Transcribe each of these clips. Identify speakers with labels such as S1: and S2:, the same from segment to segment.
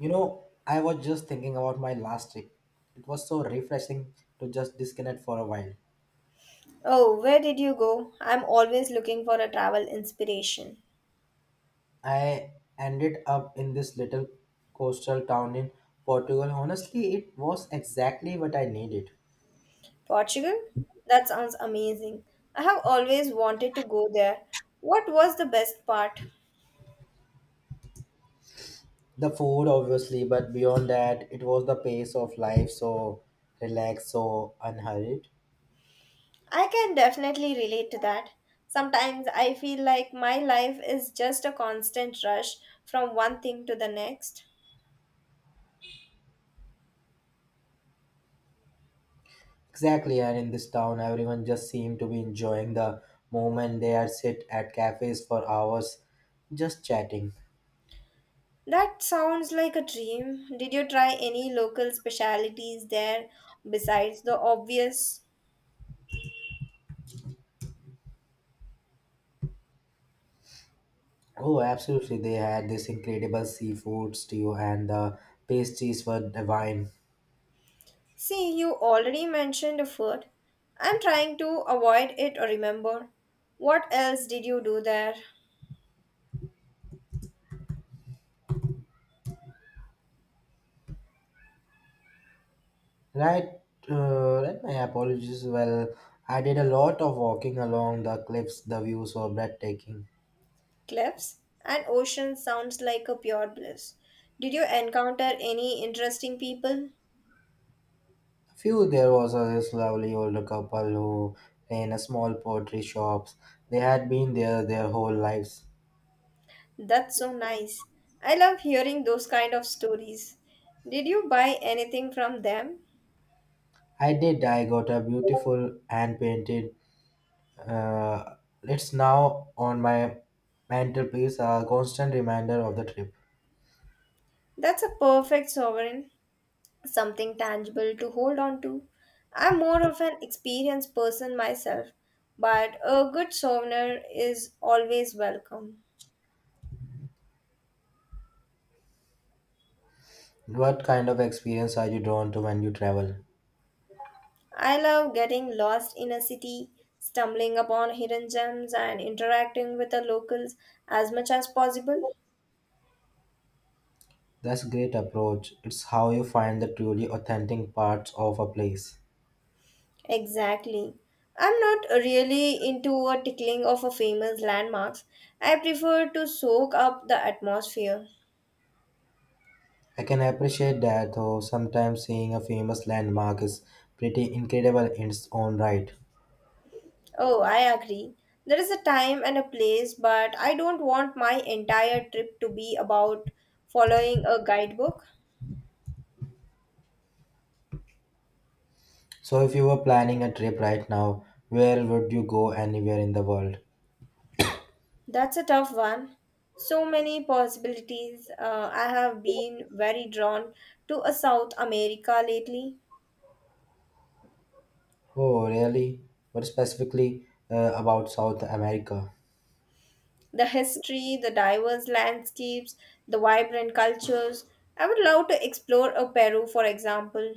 S1: You know, I was just thinking about my last trip. It was so refreshing to just disconnect for a while.
S2: Oh, where did you go? I'm always looking for a travel inspiration.
S1: I ended up in this little coastal town in Portugal. Honestly, it was exactly what I needed.
S2: Portugal? That sounds amazing. I have always wanted to go there. What was the best part?
S1: The food, obviously, but beyond that, it was the pace of life, so relaxed, so unhurried.
S2: I can definitely relate to that. Sometimes I feel like my life is just a constant rush from one thing to the next.
S1: Exactly, and in this town, everyone just seemed to be enjoying the moment they are sit at cafes for hours just chatting.
S2: That sounds like a dream. Did you try any local specialities there besides the obvious?
S1: Oh, absolutely. They had this incredible seafood stew and the pastries were divine.
S2: See, you already mentioned the food. I'm trying to avoid it or remember. What else did you do there?
S1: Right, right, my apologies. Well, I did a lot of walking along the cliffs. The views were breathtaking.
S2: Cliffs and ocean sounds like a pure bliss. Did you encounter any interesting people?
S1: A few, there was a this lovely older couple who ran a small pottery shops. They had been there their whole lives.
S2: That's so nice. I love hearing those kind of stories. Did you buy anything from them?
S1: I did. I got a beautiful hand painted. Uh, it's now on my mantelpiece, a constant reminder of the trip.
S2: That's a perfect sovereign, something tangible to hold on to. I'm more of an experienced person myself, but a good souvenir is always welcome.
S1: What kind of experience are you drawn to when you travel?
S2: I love getting lost in a city, stumbling upon hidden gems, and interacting with the locals as much as possible.
S1: That's a great approach. It's how you find the truly authentic parts of a place.
S2: Exactly. I'm not really into a tickling of a famous landmarks. I prefer to soak up the atmosphere.
S1: I can appreciate that, though sometimes seeing a famous landmark is pretty incredible in its own right.
S2: Oh, I agree. There is a time and a place, but I don't want my entire trip to be about following a guidebook.
S1: So, if you were planning a trip right now, where would you go, anywhere in the world?
S2: That's a tough one. So many possibilities. I have been very drawn to a South America lately.
S1: Oh, really? But specifically about South America?
S2: The history, the diverse landscapes, the vibrant cultures. I would love to explore a Peru, for example.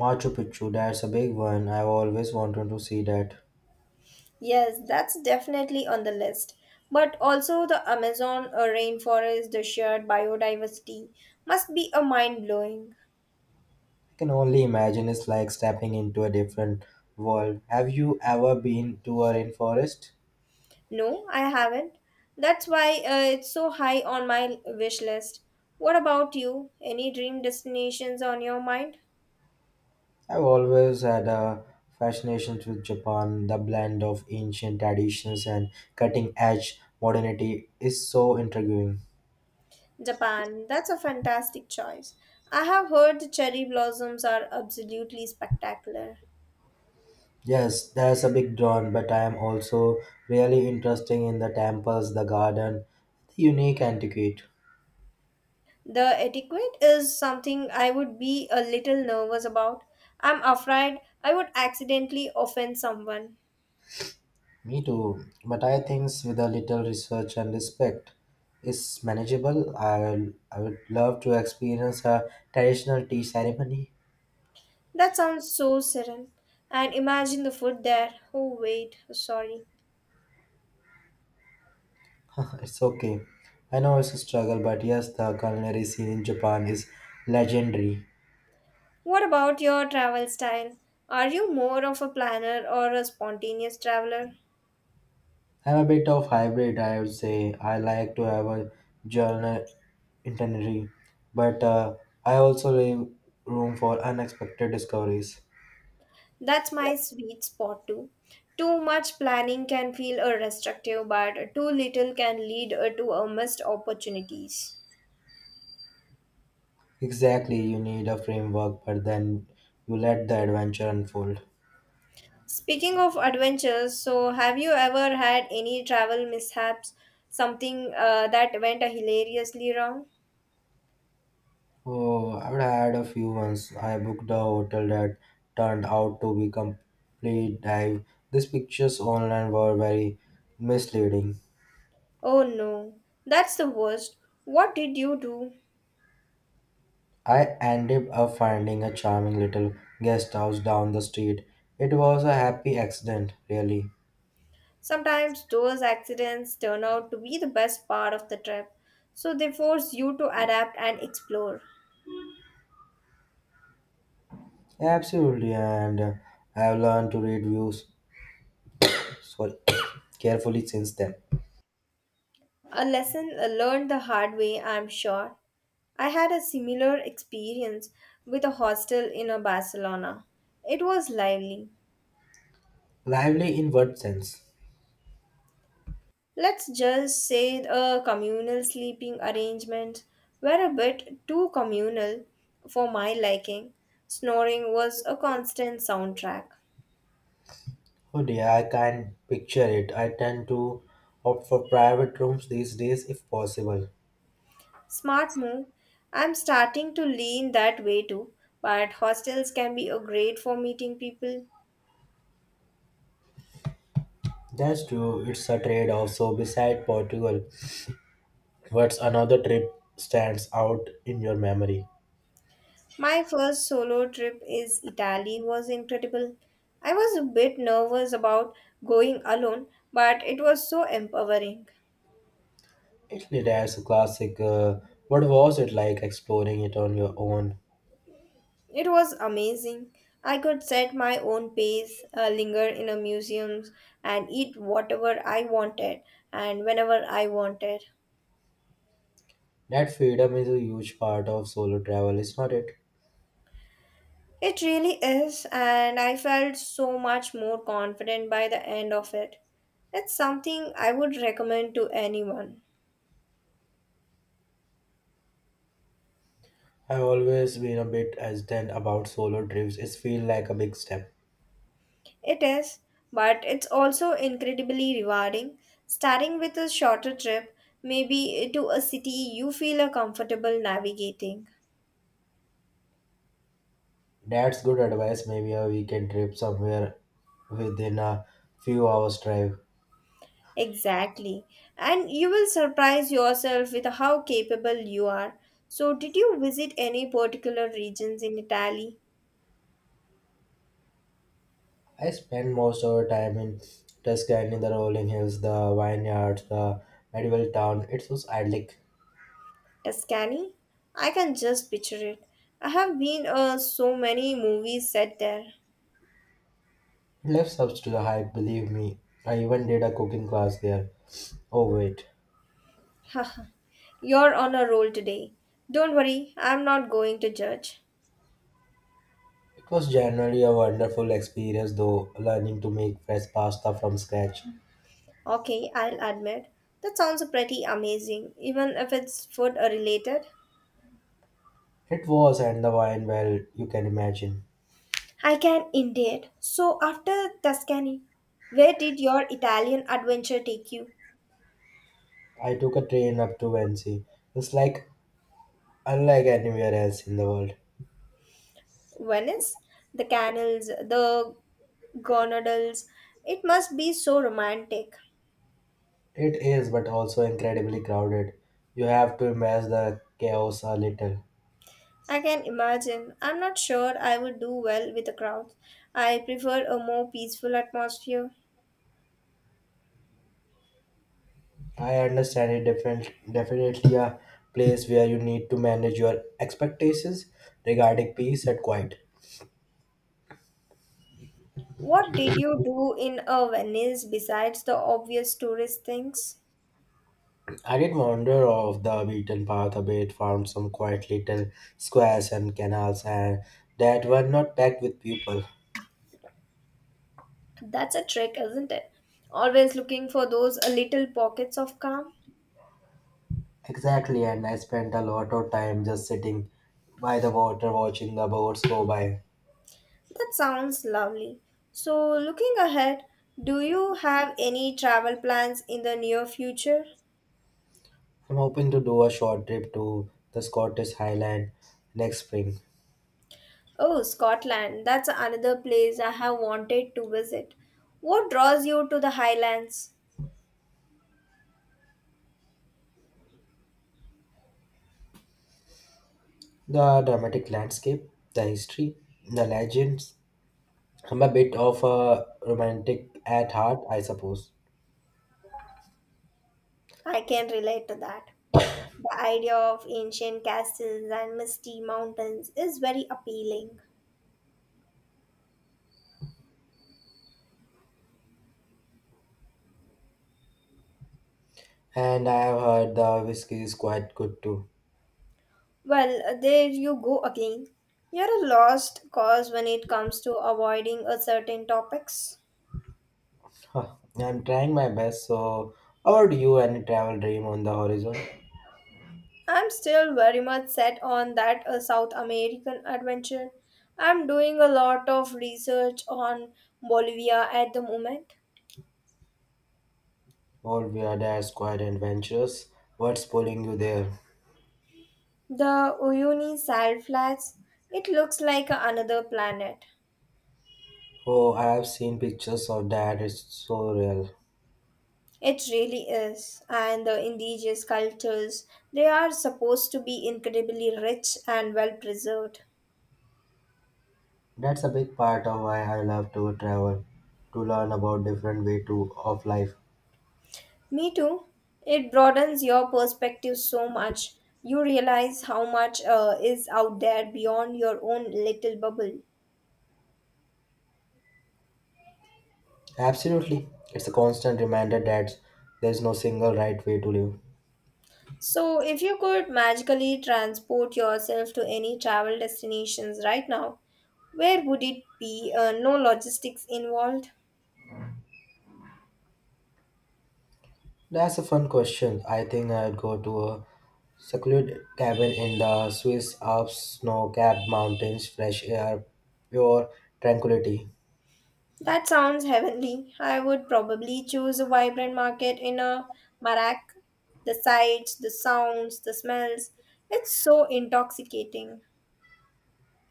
S1: Machu Picchu, that's a big one. I've always wanted to see that.
S2: Yes, that's definitely on the list. But also, the Amazon rainforest, the sheer biodiversity must be a mind blowing.
S1: I can only imagine it's like stepping into a different world. Have you ever been to a rainforest?
S2: No, I haven't. That's why it's so high on my wish list. What about you? Any dream destinations on your mind?
S1: I've always had a fascination with Japan. The blend of ancient traditions and cutting edge modernity is so intriguing.
S2: Japan, that's a fantastic choice. I have heard the cherry blossoms are absolutely spectacular.
S1: Yes, there's a big drawn, but I am also really interested in the temples, the garden, the unique antiquity.
S2: The etiquette is something I would be a little nervous about. I'm afraid I would accidentally offend someone.
S1: Me too, but I think with a little research and respect is manageable. I would love to experience a traditional tea ceremony.
S2: That sounds so serene. And imagine the food there. Oh, wait, sorry.
S1: It's okay. I know it's a struggle, but yes, the culinary scene in Japan is legendary.
S2: What about your travel style? Are you more of a planner or a spontaneous traveler?
S1: I'm a bit of hybrid, I would say. I like to have a journal itinerary, but I also leave room for unexpected discoveries.
S2: That's my sweet spot too. Too much planning can feel restrictive, but too little can lead to missed opportunities.
S1: Exactly, you need a framework, but then you let the adventure unfold.
S2: Speaking of adventures, so have you ever had any travel mishaps? Something that went hilariously wrong?
S1: Oh, I've had a few once. I booked a hotel that turned out to be complete dive. These pictures online were very misleading.
S2: Oh no, that's the worst. What did you do?
S1: I ended up finding a charming little guest house down the street. It was a happy accident, really.
S2: Sometimes those accidents turn out to be the best part of the trip, so they force you to adapt and explore.
S1: Absolutely, and I've learned to read views, sorry, carefully since then.
S2: A lesson learned the hard way, I'm sure. I had a similar experience with a hostel in a Barcelona. It was lively.
S1: Lively in what sense?
S2: Let's just say a communal sleeping arrangement were a bit too communal for my liking. Snoring was a constant soundtrack.
S1: Oh dear, I can picture it. I tend to opt for private rooms these days if possible.
S2: Smart move. I'm starting to lean that way too, but hostels can be a great for meeting people.
S1: That's true, it's a trade off. So, beside Portugal, what's another trip stands out in your memory?
S2: My first solo trip is Italy was incredible. I was a bit nervous about going alone, but it was so empowering.
S1: Italy, that's a classic. What was it like exploring it on your own?
S2: It was amazing. I could set my own pace, linger in a museum, and eat whatever I wanted and whenever I wanted.
S1: That freedom is a huge part of solo travel, is not it?
S2: It really is, and I felt so much more confident by the end of it. It's something I would recommend to anyone.
S1: I've always been a bit hesitant about solo trips. It feels like a big step.
S2: It is, but it's also incredibly rewarding. Starting with a shorter trip, maybe to a city you feel comfortable navigating.
S1: That's good advice. Maybe a weekend trip somewhere within a few hours' drive.
S2: Exactly. And you will surprise yourself with how capable you are. So, did you visit any particular regions in Italy?
S1: I spent most of our time in Tuscany, the rolling hills, the vineyards, the medieval town. It was idyllic.
S2: Tuscany? I can just picture it. I have been so many movies set there.
S1: It left up to the hype, believe me. I even did a cooking class there. Oh, wait.
S2: You're on a roll today. Don't worry, I'm not going to judge.
S1: It was generally a wonderful experience, though, learning to make fresh pasta from scratch.
S2: Okay, I'll admit. That sounds pretty amazing, even if it's food related.
S1: It was, and the wine, well, you can imagine.
S2: I can indeed. So, after Tuscany, where did your Italian adventure take you?
S1: I took a train up to Venice. It's like Unlike anywhere else in the world.
S2: Venice? The canals, the gondolas. It must be so romantic.
S1: It is, but also incredibly crowded. You have to embrace the chaos a little.
S2: I can imagine. I'm not sure I would do well with a crowd. I prefer a more peaceful atmosphere.
S1: I understand it different, definitely a place where you need to manage your expectations regarding peace and quiet.
S2: What did you do in a Venice besides the obvious tourist things?
S1: I did wander off the beaten path a bit, found some quiet little squares and canals and that were not packed with people.
S2: That's a trick, isn't it? Always looking for those little pockets of calm.
S1: Exactly, and I spent a lot of time just sitting by the water watching the boats go by.
S2: That sounds lovely. So, looking ahead, do you have any travel plans in the near future?
S1: I'm hoping to do a short trip to the Scottish Highland next spring.
S2: Oh, Scotland, that's another place I have wanted to visit. What draws you to the Highlands?
S1: The dramatic landscape, the history, the legends. I'm a bit of a romantic at heart, I suppose.
S2: I can relate to that. The idea of ancient castles and misty mountains is very appealing.
S1: And I have heard the whiskey is quite good too.
S2: Well, there you go again. You're a lost cause when it comes to avoiding a certain topics.
S1: Huh, I'm trying my best, so how about you? Any travel dream on the horizon?
S2: I'm still very much set on that South American adventure. I'm doing a lot of research on Bolivia at the moment.
S1: All we are quite adventurous. What's pulling you there?
S2: The Uyuni Sal Flats, it looks like another planet.
S1: Oh, I have seen pictures of that. It's so real.
S2: It really is. And the indigenous cultures, they are supposed to be incredibly rich and well preserved.
S1: That's a big part of why I love to travel, to learn about different way to of life.
S2: Me too. It broadens your perspective so much. You realize how much is out there beyond your own little bubble.
S1: Absolutely. It's a constant reminder that there's no single right way to live.
S2: So, if you could magically transport yourself to any travel destinations right now, where would it be? No logistics involved.
S1: That's a fun question. I think I'd go to a secluded cabin in the Swiss Alps, snow-capped mountains, fresh air, pure tranquility.
S2: That sounds heavenly. I would probably choose a vibrant market in a Marak. The sights, the sounds, the smells. It's so intoxicating.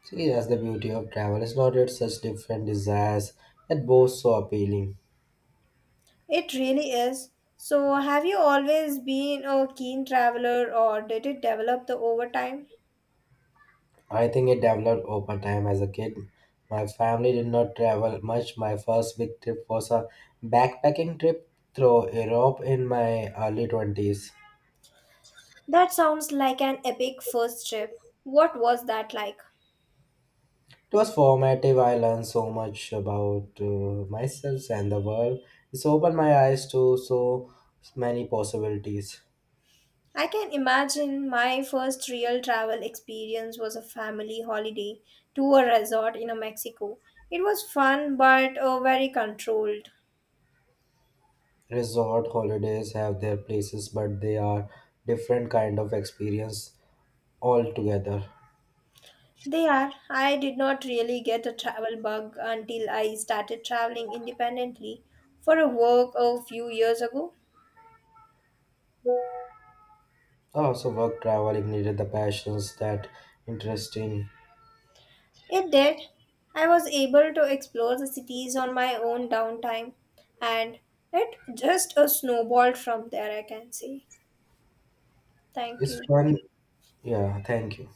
S1: See, that's the beauty of travel. It's not that such different desires that both so appealing.
S2: It really is. So, have you always been a keen traveler or did it develop the over time?
S1: I think it developed over time as a kid. My family did not travel much. My first big trip was a backpacking trip through Europe in my early 20s.
S2: That sounds like an epic first trip. What was that like?
S1: It was formative. I learned so much about myself and the world. It's opened my eyes to so many possibilities.
S2: I can imagine my first real travel experience was a family holiday to a resort in Mexico. It was fun but very controlled.
S1: Resort holidays have their places, but they are different kind of experience altogether.
S2: There, I did not really get a travel bug until I started traveling independently for a work a few years ago.
S1: I also work travel ignited the passions that interest in
S2: It did. I was able to explore the cities on my own downtime and it just a snowballed from there, I can say. Thank
S1: It's
S2: you.
S1: fun. Yeah, thank you.